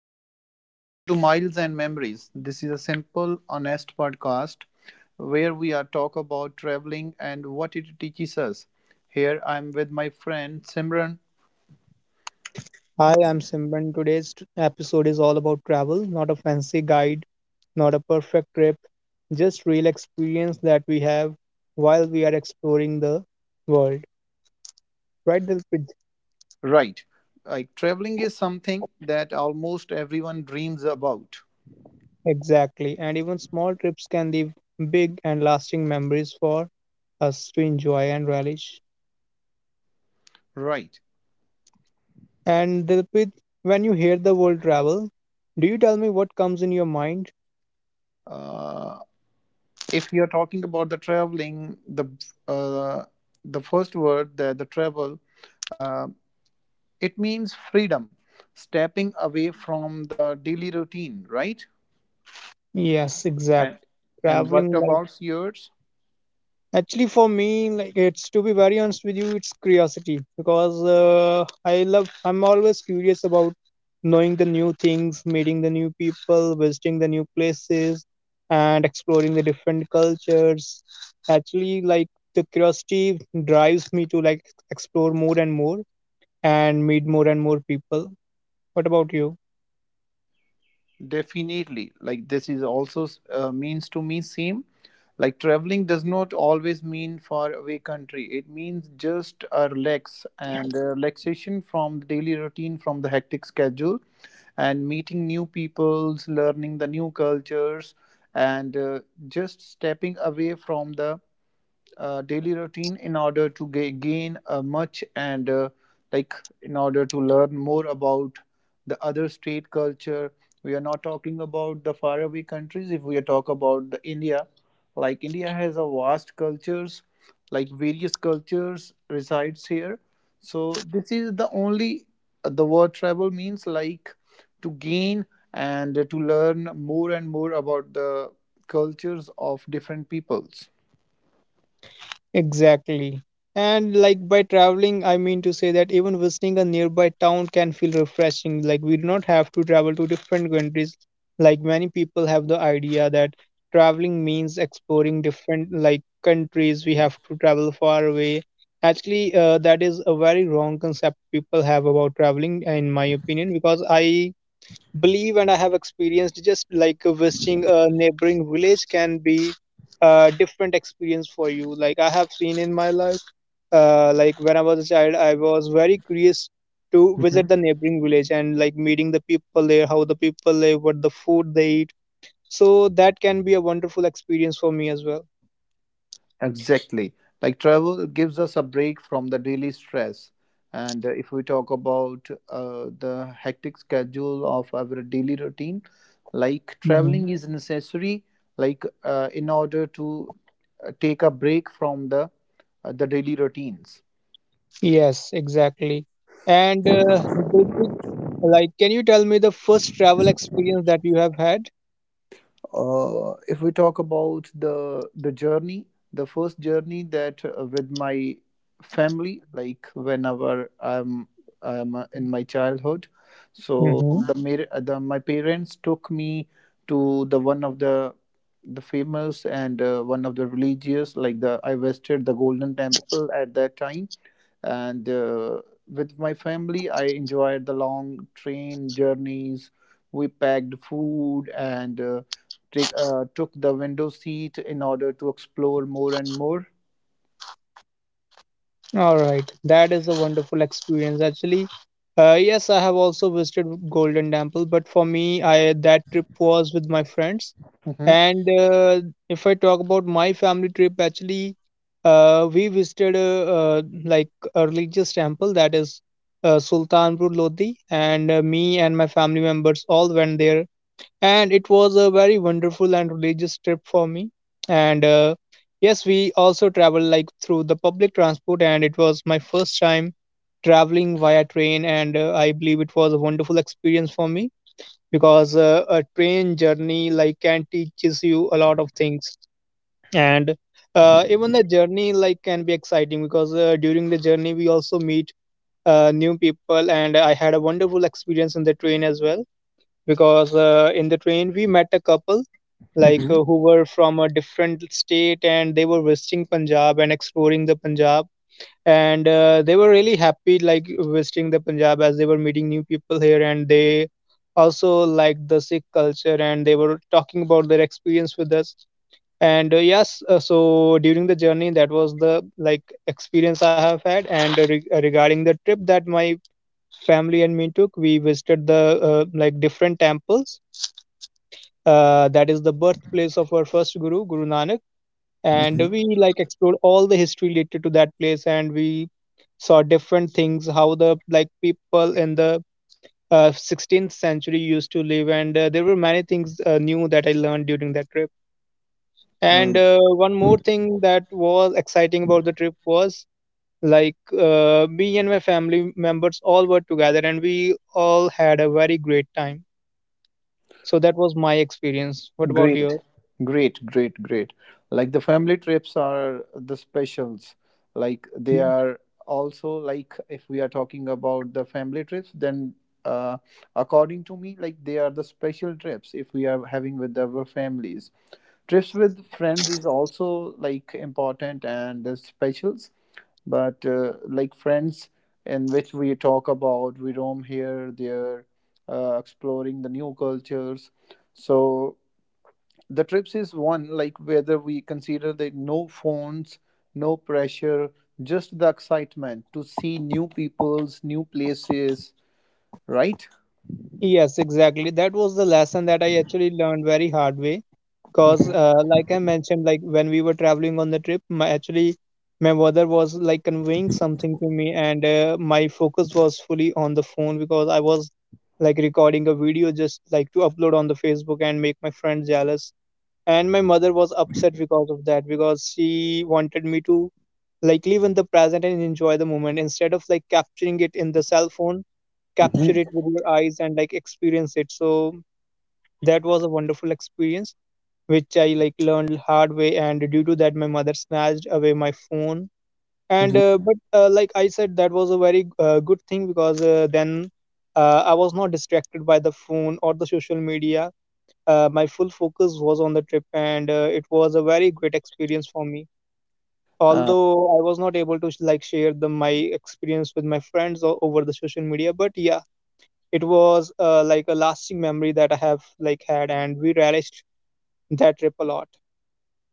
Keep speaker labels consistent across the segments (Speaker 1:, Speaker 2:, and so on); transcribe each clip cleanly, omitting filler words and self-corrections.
Speaker 1: everyone. Welcome to Miles and Memories. This is a simple, honest podcast where we are talk about traveling and what it teaches us. Here, I'm with my friend Simran.
Speaker 2: Hi, I'm Simran. Today's episode is all about travel, not a fancy guide, not a perfect trip, just real experience that we have while we are exploring the world. Right, Dilpit?
Speaker 1: Right, like traveling is something that almost everyone dreams about.
Speaker 2: Exactly. And even small trips can leave big and lasting memories for us to enjoy and relish.
Speaker 1: Right.
Speaker 2: And Dilpit, when you hear the word travel, do you tell me what comes in your mind?
Speaker 1: Uh, if you're talking about the traveling, uh, the first word that the travel, uh, it means freedom, stepping away from the daily routine. Right.
Speaker 2: Yes,
Speaker 1: And
Speaker 2: exactly.
Speaker 1: and what
Speaker 2: Traveling
Speaker 1: about yours?
Speaker 2: actually, for me, like it's to be very honest with you, it's curiosity because I love. I'm always curious about knowing the new things, meeting the new people, visiting the new places, and exploring the different cultures. Actually, like the curiosity drives me to like explore more and more and meet more and more people. What about you?
Speaker 1: Definitely. Like this is also means to me same. Like traveling does not always mean far away country. It means just a relax and a relaxation from the daily routine, from the hectic schedule, and meeting new peoples, learning the new cultures, and just stepping away from the daily routine in order to gain much and like in order to learn more about the other state culture. We are not talking about the faraway countries. If we are talk about the India, like India has a vast cultures, like various cultures resides here. So this is the only, the word travel means like to gain and to learn more and more about the cultures of different peoples.
Speaker 2: Exactly. And like by traveling, I mean to say that even visiting a nearby town can feel refreshing. Like we do not have to travel to different countries. Like many people have the idea that traveling means exploring different like countries. We have to travel far away. Actually, that is a very wrong concept people have about traveling, in my opinion, because I believe and I have experienced just like visiting a neighboring village can be a different experience for you. Like I have seen in my life, like when I was a child, I was very curious to visit the neighboring village and like meeting the people there, how the people live, what the food they eat. So that can be a wonderful experience for me as well.
Speaker 1: Exactly. Like travel gives us a break from the daily stress. And if we talk about the hectic schedule of our daily routine, like traveling
Speaker 2: Mhm.
Speaker 1: is necessary, like in order to take a break from the daily routines.
Speaker 2: Yes, exactly. And Dilpreet, like, can you tell me the first travel experience that you have had?
Speaker 1: If we talk about the journey, the first journey that with my family, like whenever I'm in my childhood, so the my parents took me to the one of the famous and one of the religious, like the I visited the Golden Temple at that time. And with my family I enjoyed the long train journeys. We packed food and took the window seat in order to explore more and more.
Speaker 2: All right, that is a wonderful experience. Actually, yes, I have also visited Golden Temple, but for me, I that trip was with my friends.
Speaker 1: Mhm,
Speaker 2: And if I talk about my family trip, actually, we visited like a religious temple that is Sultanpur Lodi, and me and my family members all went there and it was a very wonderful and religious trip for me and yes, we also traveled like through the public transport, and it was my first time traveling via train, and I believe it was a wonderful experience for me because a train journey like can teaches you a lot of things. And even the journey like can be exciting because during the journey we also meet new people, and I had a wonderful experience in the train as well because in the train we met a couple like
Speaker 1: mhm,
Speaker 2: who were from a different state, and they were visiting Punjab and exploring the Punjab. And they were really happy like visiting the Punjab as they were meeting new people here, and they also liked the Sikh culture, and they were talking about their experience with us. And yes, so during the journey that was the like experience I have had. And regarding the trip that my family and me took, we visited the like different temples that is the birthplace of our first guru, Guru Nanak. And we like explored all the history related to that place, and we saw different things, how the like people in the 16th century used to live, and there were many things new that I learned during that trip. And
Speaker 1: mhm.
Speaker 2: one more thing that was exciting about the trip was like me and my family members all were together, and we all had a very great time. So that was my experience. What about
Speaker 1: Great,
Speaker 2: yours?
Speaker 1: great, great, great. Like the family trips are the specials. Like they are also, like if we are talking about the family trips, then uh, according to me, like they are the special trips if we are having with our families. Trips with friends is also like important and the specials, but like friends in which we talk about we roam here, there, exploring the new cultures. So the trips is one, like whether we consider that no phones, no pressure, just the excitement to see new peoples, new places, right?
Speaker 2: Yes, exactly. That was the lesson that I actually learned very hard way. Because,
Speaker 1: Mhm.
Speaker 2: like I mentioned, like when we were traveling on the trip, my mother was like conveying something to me, and my focus was fully on the phone because I was like recording a video just like to upload on the Facebook and make my friend jealous. And my mother was upset because of that because she wanted me to like live in the present and enjoy the moment instead of like capturing it in the cell phone, capture
Speaker 1: Mhm.
Speaker 2: it with your eyes and like experience it. So that was a wonderful experience, which I like learned hard way. And due to that, my mother snatched away my phone. And uh,
Speaker 1: Mhm.
Speaker 2: but uh, like I said, that was a very good thing because then I was not distracted by the phone or the social media. My full focus was on the trip, and it was a very great experience for me. Although I was not able to like share the my experience with my friends or over the social media, but yeah, it was like a lasting memory that I have like had, and we relished that trip a lot.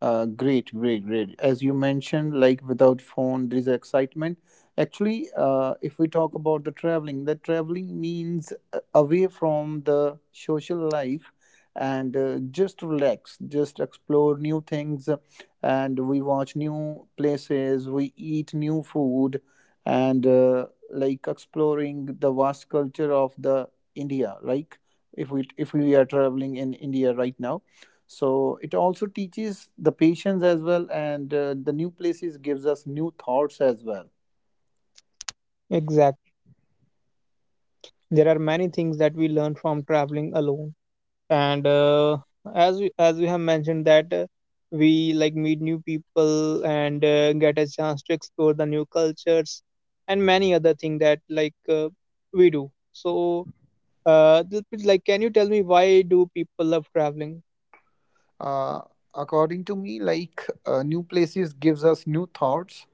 Speaker 1: Great, great, great. As you mentioned, like without phone, there is excitement. Actually, if we talk about the traveling means away from the social life, and just relax, just explore new things, and we watch new places, we eat new food, and like exploring the vast culture of the India. Like if we are traveling in India right now, so it also teaches the patience as well, and the new places gives us new thoughts as well.
Speaker 2: Exactly. There are many things that we learn from traveling alone. And as we have mentioned that we like meet new people, and get a chance to explore the new cultures and many other things that like we do. So like can you tell me why do people love traveling?
Speaker 1: uh, According to me, like new places gives us new thoughts.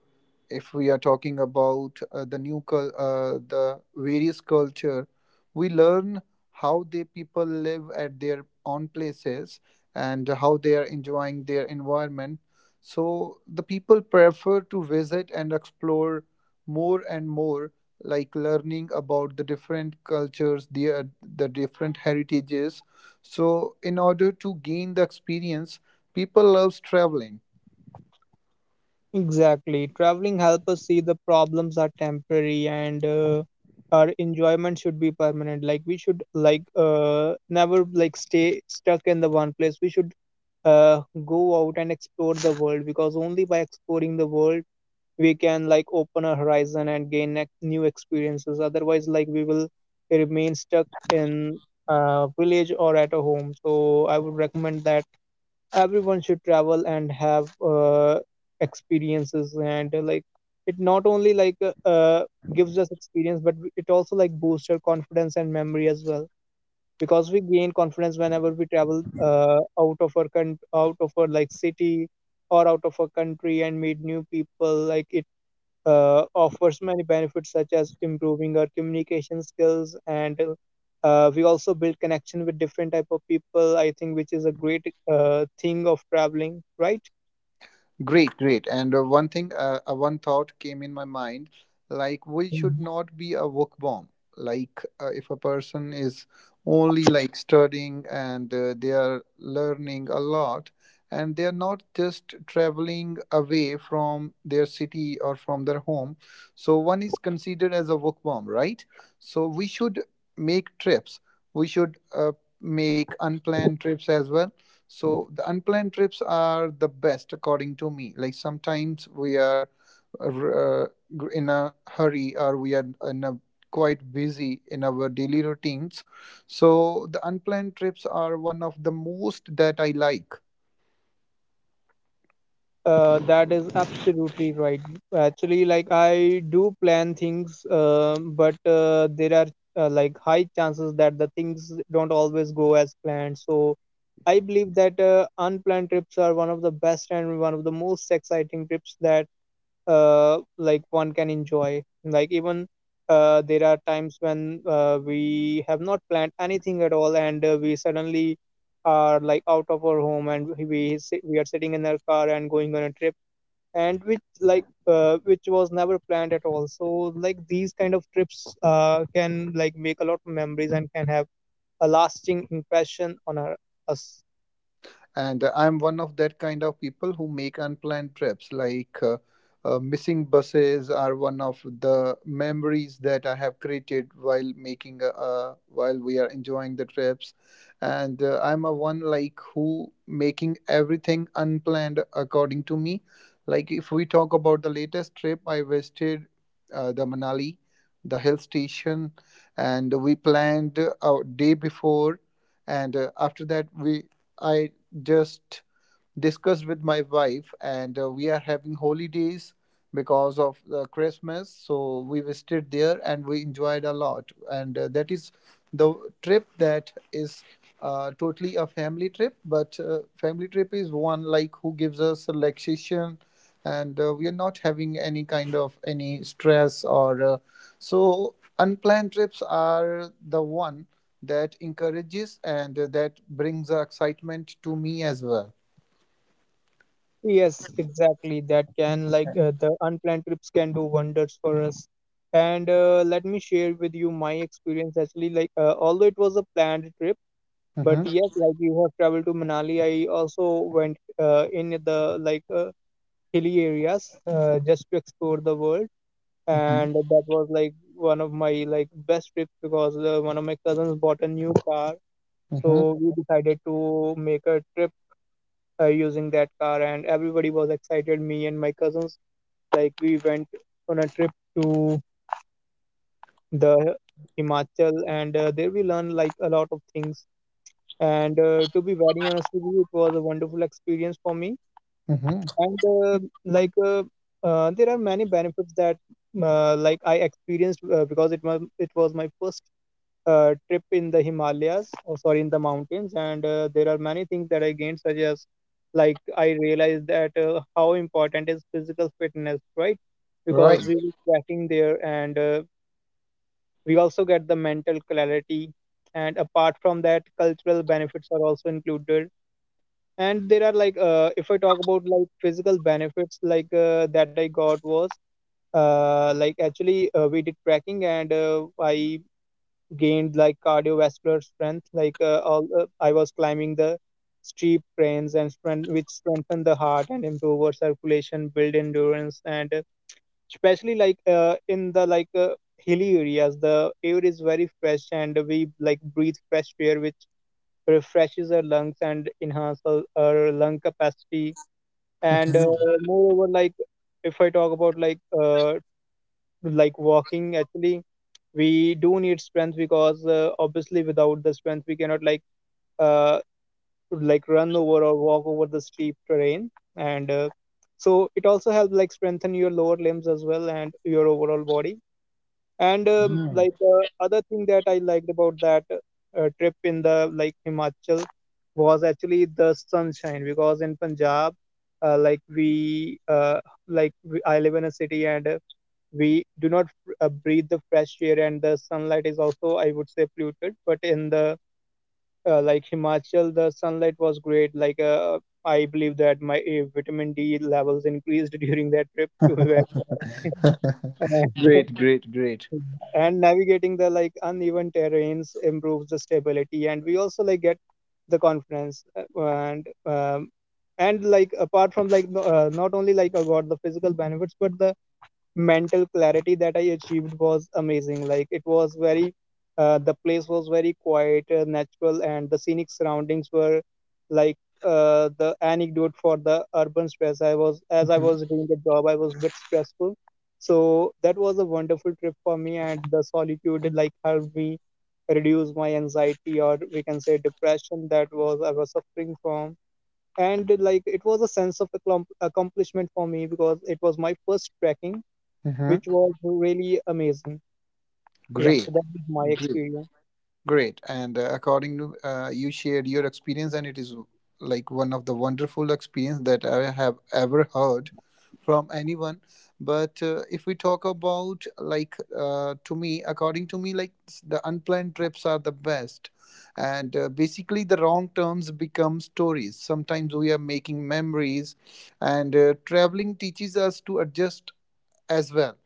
Speaker 1: If we are talking about the various culture, we learn how the people live at their own places and how they are enjoying their environment. So the people prefer to visit and explore more and more, like learning about the different cultures, the different heritages. So in order to gain the experience, people loves traveling.
Speaker 2: Exactly. Traveling helps us see the problems are temporary, and our enjoyment should be permanent. Like we should like never like stay stuck in the one place. We should go out and explore the world because only by exploring the world we can like open our horizon and gain new experiences. Otherwise, like we will remain stuck in a village or at a home. So I would recommend that everyone should travel and have experiences, and like it not only gives us experience, but it also like boosts our confidence and memory as well because we gain confidence whenever we travel out of our country, out of our like city or out of our country, and meet new people. Like it offers many benefits such as improving our communication skills, and we also build connection with different type of people, I think, which is a great thing of traveling, right?
Speaker 1: Great, great. And one thought came in my mind, like we
Speaker 2: Mhm.
Speaker 1: should not be a work bomb. Like if a person is only like studying, and they are learning a lot, and they are not just traveling away from their city or from their home, so one is considered as a work bomb, right? So we should make trips. We should make unplanned trips as well. So the unplanned trips are the best, according to me. Like sometimes we are uh, in a hurry, or we are in a quite busy in our daily routines. So the unplanned trips are one of the most that I like.
Speaker 2: That is absolutely right. Actually, like I do plan things, but there are like high chances that the things don't always go as planned. So I believe that unplanned trips are one of the best and one of the most exciting trips that like one can enjoy. Like even there are times when we have not planned anything at all, and we suddenly are like out of our home, and we are sitting in our car and going on a trip, and which like which was never planned at all. So like these kind of trips can like make a lot of memories and can have a lasting impression on us.
Speaker 1: And I'm one of that kind of people who make unplanned trips. Like missing buses are one of the memories that I have created while making a, while we are enjoying the trips. And I'm a one like who making everything unplanned according to me. Like if we talk about the latest trip I visited, the Manali, the hill station, and we planned a day before. And after that we, I just discussed with my wife, and we are having holidays because of the Christmas. So we visited there and we enjoyed a lot. And that is the trip that is totally a family trip. But family trip is one like who gives us relaxation, and we are not having any kind of any stress or so unplanned trips are the one that encourages and that brings excitement to me as well.
Speaker 2: Yes, exactly. That can, like, the unplanned trips can do wonders for us. And let me share with you my experience actually. Like, although it was a planned trip, but
Speaker 1: Mhm.
Speaker 2: yes, like you have traveled to Manali, I also went in the like hilly areas just to explore the world.
Speaker 1: Mm-hmm.
Speaker 2: And that was like one of my like best trips because one of my cousins bought a new car,
Speaker 1: Mm-hmm.
Speaker 2: so we decided to make a trip using that car, and everybody was excited. Me and my cousins, like we went on a trip to the Himachal, and there we learned like a lot of things. And to be very honest with you, it was a wonderful experience for me.
Speaker 1: Mm-hmm.
Speaker 2: And like uh, there are many benefits that like I experienced because it was my first trip in the Himalayas, or sorry, in the mountains, and there are many things that I gained, such as like I realized that how important is physical fitness, right?
Speaker 1: Right.
Speaker 2: Because we were trekking there, and we also get the mental clarity, and apart from that, cultural benefits are also included. And there are like, if I talk about like physical benefits, that I got was like actually we did trekking, and I gained like cardiovascular strength like all I was climbing the steep trains and strength, which strengthen the heart and improve our circulation build endurance and especially like in the like hilly areas the air is very fresh and we like breathe fresh air which refreshes our lungs and enhance our lung capacity and
Speaker 1: Mhm.
Speaker 2: moreover, like if I talk about like walking, actually we do need strength because obviously without the strength we cannot uh like run over or walk over the steep terrain, and so it also helps like strengthen your lower limbs as well and your overall body. And
Speaker 1: Yeah.
Speaker 2: other thing that I liked about that trip in the like Himachal was actually the sunshine, because in Punjab, uh, like we uh, like I live in a city, and we do not breathe the fresh air and the sunlight is also, I would say, polluted. But in the like Himachal, the sunlight was great. I believe that my vitamin D levels increased during that trip to where
Speaker 1: Great, great, great.
Speaker 2: and navigating the like uneven terrains improves the stability, and we also like get the confidence, and like apart from like not only like about the physical benefits but the mental clarity that I achieved was amazing. Like it was very, the place was very quiet, natural, and the scenic surroundings were like the anecdote for the urban stress. I was, as I
Speaker 1: Mm-hmm.
Speaker 2: was doing the job, I was a bit stressful, so that was a wonderful trip for me, and the solitude like helped me reduce my anxiety, or we can say depression, that was I was suffering from. And like it was a sense of accomplishment for me because it was my first trekking, which
Speaker 1: Mm-hmm.
Speaker 2: was really amazing. Yeah,
Speaker 1: Great,
Speaker 2: so that was my
Speaker 1: great.
Speaker 2: experience.
Speaker 1: Great. And according to, you shared your experience, and it is like one of the wonderful experience that I have ever heard from anyone. But if we talk about like to me, according to me, like the unplanned trips are the best. And basically the wrong terms become stories. Sometimes we are making memories, and traveling teaches us to adjust as well.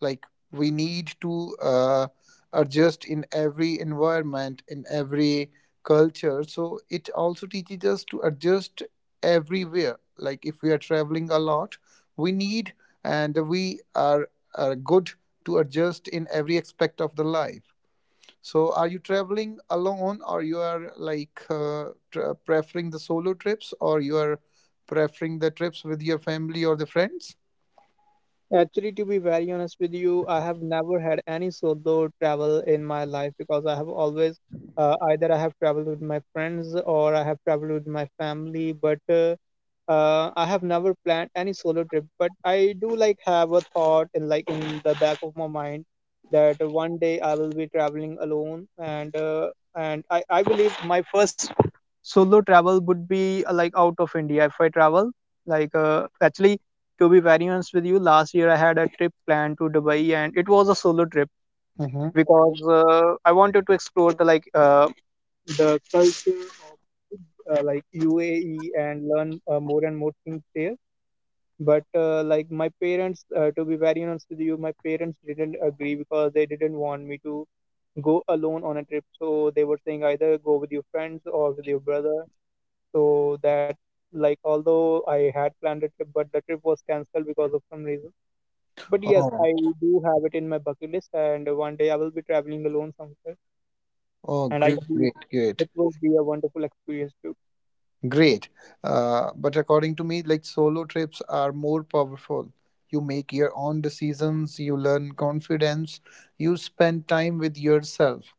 Speaker 1: Like we need to adjust in every environment, in every culture. So it also teaches us to adjust everywhere. Like if we are traveling a lot, we need, and we are good to adjust in every aspect of the life. So are you traveling alone, or you are like preferring the solo trips, or you are preferring the trips with your family or the friends?
Speaker 2: Actually, to be very honest with you, I have never had any solo travel in my life because I have always, either I have traveled with my friends or I have traveled with my family, but I have never planned any solo trip. But I do like have a thought in like in the back of my mind that one day I will be traveling alone, and I believe my first solo travel would be like out of India, if I travel. Actually, to be very honest with you, last year I had a trip planned to Dubai, and it was a solo trip
Speaker 1: Mm-hmm.
Speaker 2: because I wanted to explore the the culture of like UAE, and learn more and more things there. But like my parents, to be very honest with you, my parents didn't agree because they didn't want me to go alone on a trip. So they were saying either go with your friends or with your brother. So that, like, although I had planned a trip, but the trip was cancelled because of some reason. But yes,
Speaker 1: Oh,
Speaker 2: I do have it in my bucket list, and one day I will be traveling alone somewhere,
Speaker 1: oh,
Speaker 2: and I
Speaker 1: great,
Speaker 2: believe
Speaker 1: great, great.
Speaker 2: it will be a wonderful experience too.
Speaker 1: Great. But according to me, like solo trips are more powerful. You make your own decisions, you learn confidence, you spend time with yourself.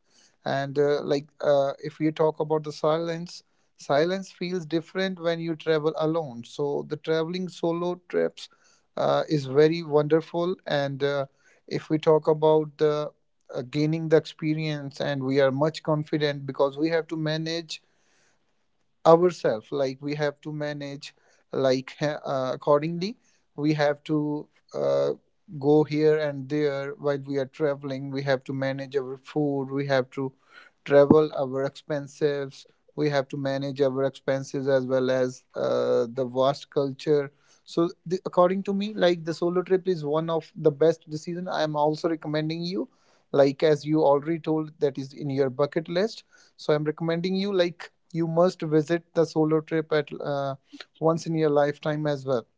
Speaker 1: And if we talk about the silence, silence feels different when you travel alone. So the traveling solo trips is very wonderful. And if we talk about the gaining the experience, and we are much confident because we have to manage ourselves, like we have to manage like accordingly we have to uh, go here and there. While we are traveling, we have to manage our food, we have to travel our expenses, we have to manage our expenses, as well as the vast culture. So the, according to me, like the solo trip is one of the best decision. I am also recommending you, like as you already told that is in your bucket list. So I'm recommending you, like you must visit the solo trip at once in your lifetime as well.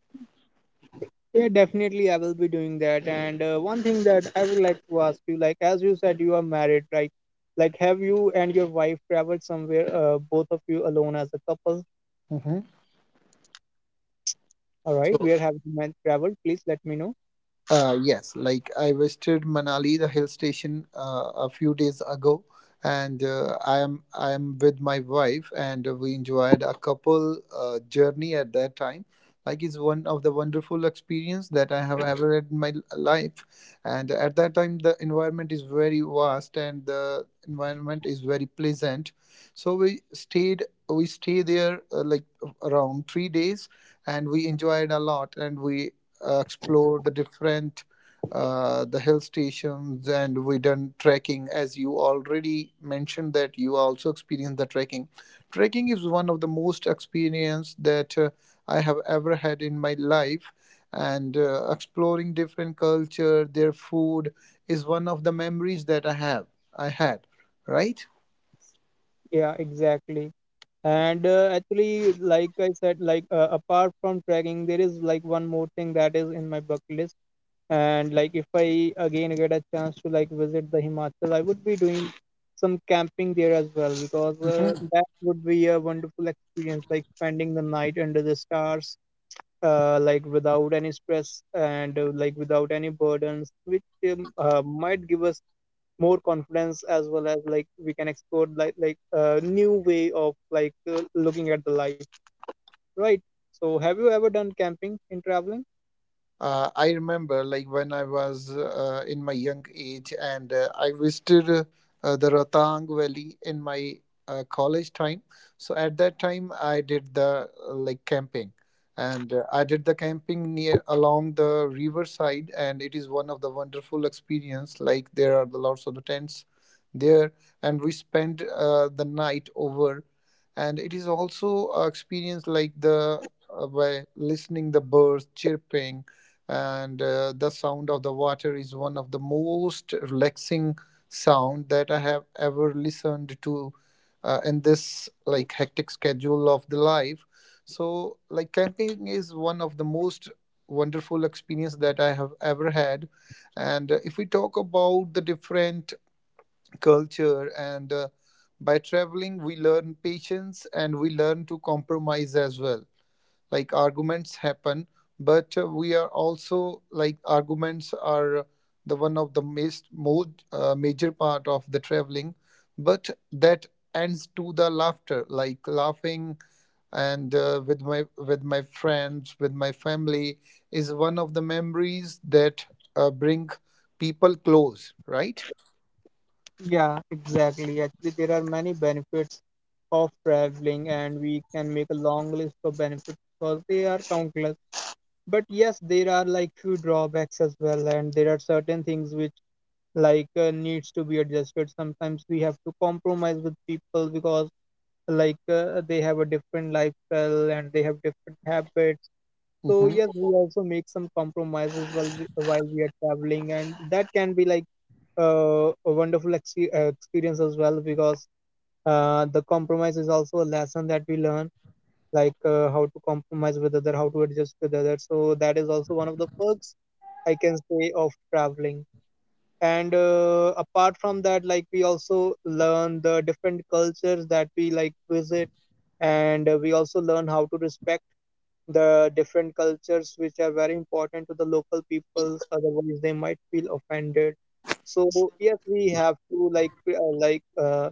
Speaker 2: So, yeah, definitely I will be doing that. And one thing that I would like to ask you, like as you said, you are married, right? Like, have you and your wife traveled somewhere, both of you alone as a couple?
Speaker 1: Mhm.
Speaker 2: All right, where have you men traveled? Please let me know.
Speaker 1: Yes, like I visited Manali, the hill station, a few days ago, and I am with my wife, and we enjoyed a couple journey at that time. Like it's one of the wonderful experience that I have ever had in my life, and at that time the environment is very vast and the environment is very pleasant. So we stay there like around 3 days, and we enjoyed a lot, and we explored the different the hill stations. And we done trekking, as you already mentioned that you also experienced the trekking. Trekking is one of the most experience that I have ever had in my life. And exploring different culture, their food, is one of the memories that I had, right?
Speaker 2: Yeah, exactly. And actually, like I said, apart from trekking, there is like one more thing that is in my bucket list, and like if I again get a chance to like visit the Himachal, I would be doing some camping there as well, because that would be a wonderful experience, like spending the night under the stars, like without any stress and like without any burdens, which might give us more confidence, as well as like we can explore like a new way of looking at the life, right? So have you ever done camping in traveling?
Speaker 1: I remember, like when I was in my young age, and I visited the Rotang Valley in my college time. So at that time, I did the like camping, and I did the camping near along the riverside, and it is one of the wonderful experience. Like there are the lots of the tents there, and we spent the night over, and it is also experience like the by listening the birds chirping and the sound of the water is one of the most relaxing sound that I have ever listened to in this like hectic schedule of the life. So like camping is one of the most wonderful experience that I have ever had. And if we talk about the different culture and by traveling, we learn patience and we learn to compromise as well. Like arguments happen, but we are also like arguments are the one of the most major part of the traveling, but that ends to the laughter, like laughing and with my friends, with my family is one of the memories that bring people close, right?
Speaker 2: Yeah, exactly. Actually, there are many benefits of traveling, and we can make a long list of benefits because they are countless. But yes, there are like few drawbacks as well, and there are certain things which needs to be adjusted. Sometimes we have to compromise with people because they have a different lifestyle and they have different habits. So
Speaker 1: Hmm.
Speaker 2: yes, we also make some compromises while we are traveling, and that can be like a wonderful experience as well, because the compromise is also a lesson that we learn, like how to compromise with other, how to adjust with other. So that is also one of the perks, I can say, of traveling. And apart from that, like we also learn the different cultures that we like visit, and we also learn how to respect the different cultures, which are very important to the local peoples, otherwise they might feel offended. So yes, we have to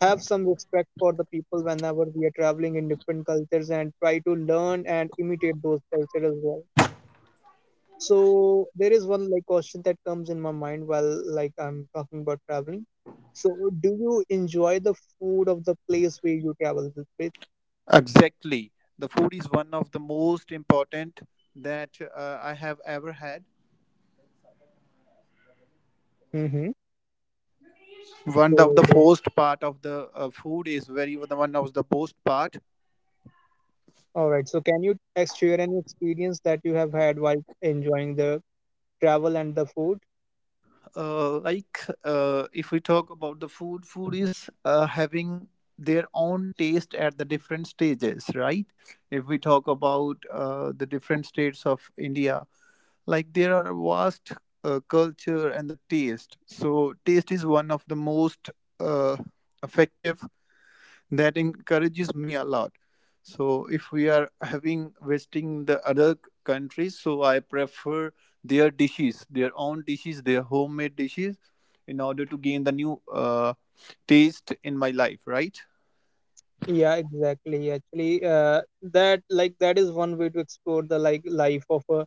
Speaker 2: have some respect for the people whenever we are traveling in different cultures, and try to learn and imitate those cultures as well. So there is one like question that comes in my mind while like I'm talking about traveling. So do you enjoy the food of the place where you travel this?
Speaker 1: Exactly. The food is one of the most important that I have ever had.
Speaker 2: Mm-hmm.
Speaker 1: One of the
Speaker 2: So
Speaker 1: first part of the food is very the one of the most part.
Speaker 2: all right. So, can you share any experience that you have had while enjoying the travel and the food?
Speaker 1: Like if we talk about the food, is having their own taste at the different stages, right? If we talk about the different states of India, like there are vast culture and the taste, so taste is one of the most uh, effective that encourages me a lot. So if we are having wasting the other c- countries, so I prefer their dishes, their own dishes, their homemade dishes in order to gain the new taste in my life, right?
Speaker 2: Yeah, exactly. Actually, that like that is one way to explore the like life of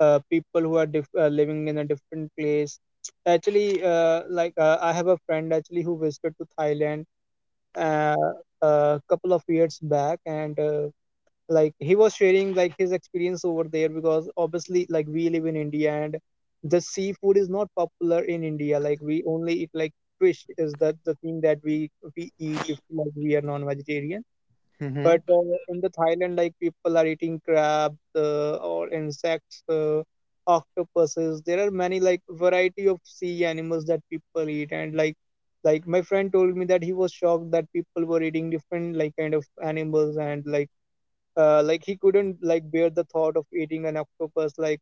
Speaker 2: people who are diff living in a different place. Actually, I have a friend actually who visited to Thailand uh, a couple of years back, and like he was sharing like his experience over there, because obviously like we live in India and the seafood is not popular in India. Like we only eat like fish is the thing that we eat if like we are non-vegetarian.
Speaker 1: Hmm.
Speaker 2: But in the Thailand, like people are eating crabs, or insects, octopuses. There are many like variety of sea animals that people eat, and like my friend told me that he was shocked that people were eating different like kind of animals, and like he couldn't like bear the thought of eating an octopus, like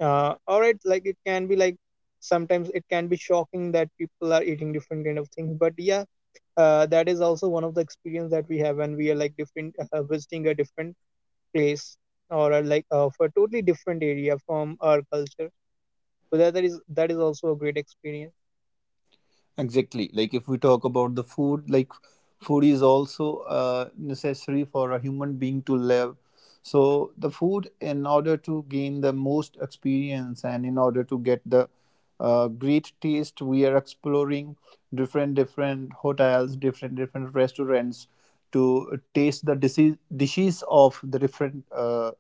Speaker 2: all right, like it can be like, sometimes it can be shocking that people are eating different kind of things. But yeah, that is also one of the experience that we have when we are like different visiting a different place, or for a totally different area from our culture. So that is, that is also a great experience.
Speaker 1: Exactly. Like if we talk about the food, like food is also necessary for a human being to live. So the food, in order to gain the most experience and in order to get the great taste, we are exploring different different hotels, different different restaurants to taste the dise- dishes of the different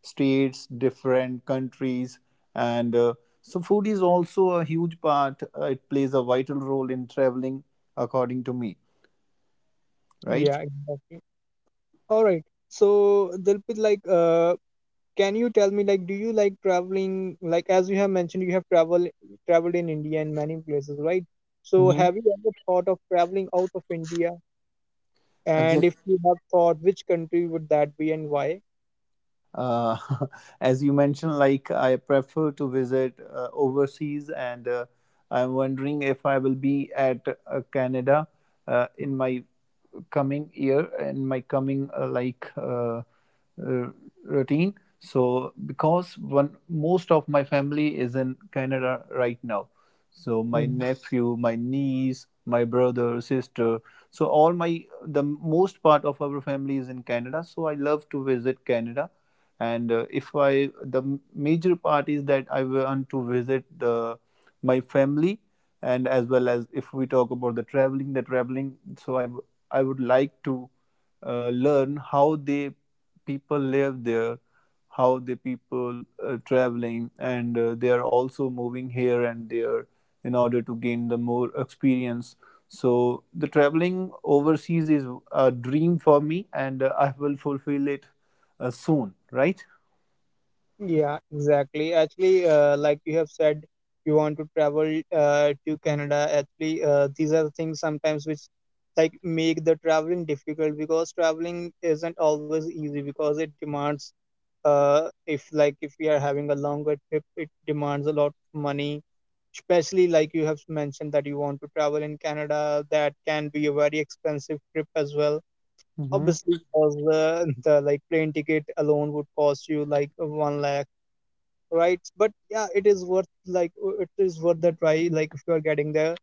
Speaker 1: states, different countries, and so food is also a huge part. It plays a vital role in traveling, according to me, right?
Speaker 2: Yeah, exactly. All right. So Dilpit, can you tell me, like do you like traveling, like as you have mentioned you have traveled in India and many places, right? So have you ever thought of traveling out of India, and
Speaker 1: Mm-hmm.
Speaker 2: if you have thought, which country would that be, and why?
Speaker 1: uh, as you mentioned, like I prefer to visit overseas, and I'm wondering if I will be at Canada in my coming year, in my coming uh, routine. So because one most of my family is in Canada right now, so my
Speaker 2: Mhm.
Speaker 1: nephew, my niece, my brother, sister, so all my the most part of our family is in Canada, so I love to visit Canada. And if I the major part is that I want to visit the, my family, and as well as if we talk about the traveling, the traveling, so I would like to learn how they people live there, how the people traveling and they are also moving here and there in order to gain the more experience. So the traveling overseas is a dream for me, and I will fulfill it soon, right?
Speaker 2: Yeah, exactly. Actually, like you have said, you want to travel to Canada. Actually, these are the things sometimes which like make the traveling difficult, because traveling isn't always easy, because it demands, if like if we are having a longer trip, it demands a lot of money, especially like you have mentioned that you want to travel in Canada, that can be a very expensive trip as well,
Speaker 1: Mhm.
Speaker 2: obviously, because the like plane ticket alone would cost you like one lakh, right? But yeah, it is worth, it is worth the try, like if you are getting the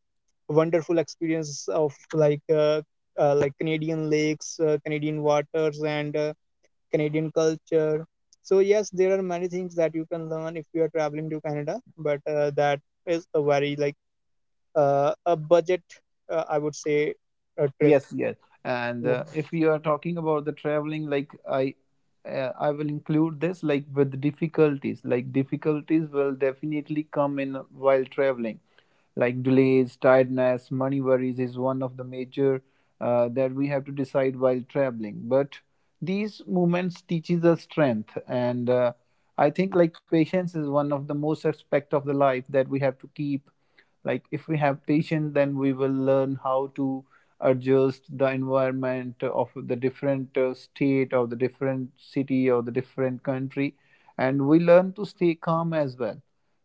Speaker 2: wonderful experience of like Canadian lakes, Canadian waters, and Canadian culture. So yes, there are many things that you can learn if you are traveling to Canada, but that is a very like a budget, I would say, a trip.
Speaker 1: Yes, yes. And
Speaker 2: Yeah.
Speaker 1: uh, if you are talking about the traveling, like I I will include this like with difficulties. Like difficulties will definitely come in while traveling. Like delays, tiredness, money worries is one of the major that we have to decide while traveling. But these moments teaches us strength, and I think like patience is one of the most aspect of the life that we have to keep. Like if we have patience, then we will learn how to adjust the environment of the different state or the different city or the different country, and we learn to stay calm as well.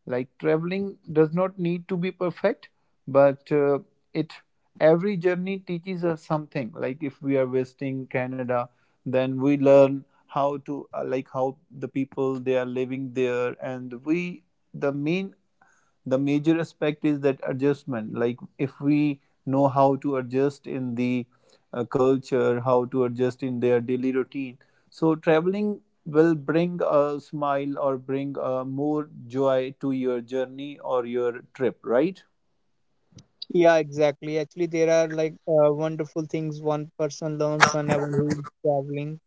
Speaker 1: Like traveling does not need to be perfect, but it every journey teaches us something. Like if we are visiting Canada, then we learn how to like how the people they are living there, and we the main the major aspect is that adjustment. Like if we know how to adjust in the culture, how to adjust in their daily routine, so traveling will bring a smile or bring more joy to your journey or your trip, right?
Speaker 2: Yeah, exactly. Actually, there are like wonderful things one person learns whenever he is traveling.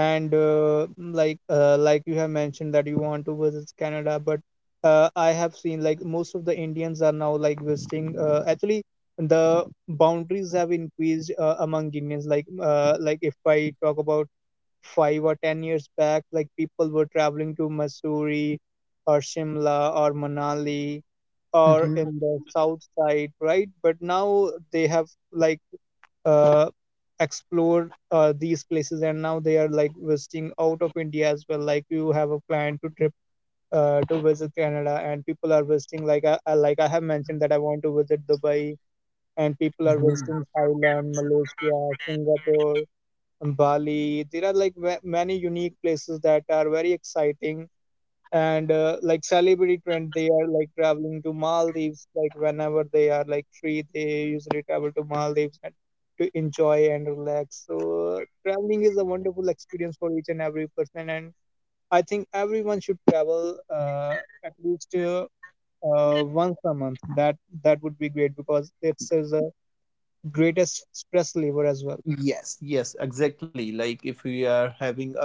Speaker 2: And like you have mentioned that you want to visit Canada, but I have seen like most of the Indians are now like visiting, actually the boundaries have increased among Indians, like if I talk about 5 or 10 years back, like people were traveling to Missouri or Shimla or Manali, or in the south side, right? But now they have like uh, explored these places, and now they are like visiting out of India as well. Like you have a plan to trip to visit Canada, and people are visiting, like I have mentioned that I want to visit Dubai, and people are
Speaker 1: Mhm.
Speaker 2: visiting Thailand, Malaysia, Singapore, and Bali. There are like many unique places that are very exciting, and like celebrity trend, they are like traveling to Maldives, like whenever they are like free, they usually travel to Maldives and to enjoy and relax. So traveling is a wonderful experience for each and every person, and I think everyone should travel at least once a month, that would be great, because it's is the greatest stress reliever as well.
Speaker 1: Yes, yes, exactly. Like if we are having a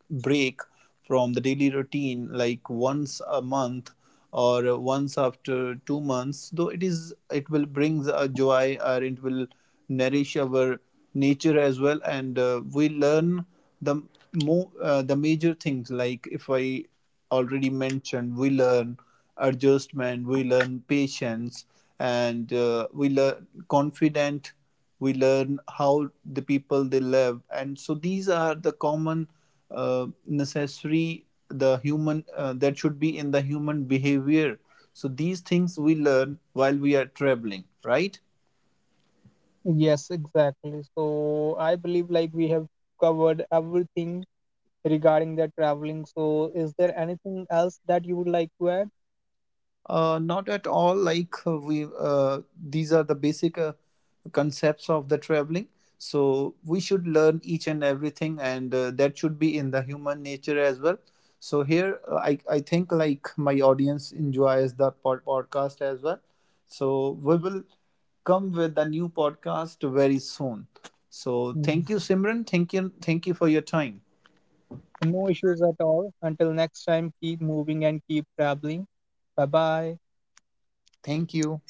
Speaker 1: break from the daily routine, like once a month or once after 2 months, though it is, it will brings a joy or it will nourish our nature as well, and we learn the more the major things. Like if I already mentioned, we learn adjustment, we learn patience, and we learn confident, we learn how the people they live, and so these are the common necessary the human that should be in the human behavior. So these things we learn while we are traveling, right?
Speaker 2: Yes, exactly. So I believe like we have covered everything regarding their traveling. So, is there anything else that you would like to add?
Speaker 1: Not at all. Like we, these are the basic concepts of the traveling. So we should learn each and everything, and that should be in the human nature as well. So here, I think like my audience enjoys the pod- podcast as well. So we will come with a new podcast very soon. So
Speaker 2: Mm.
Speaker 1: thank you, Simran. Thank you for your time.
Speaker 2: No issues at all. Until next time, keep moving and keep traveling. Bye bye.
Speaker 1: Thank you.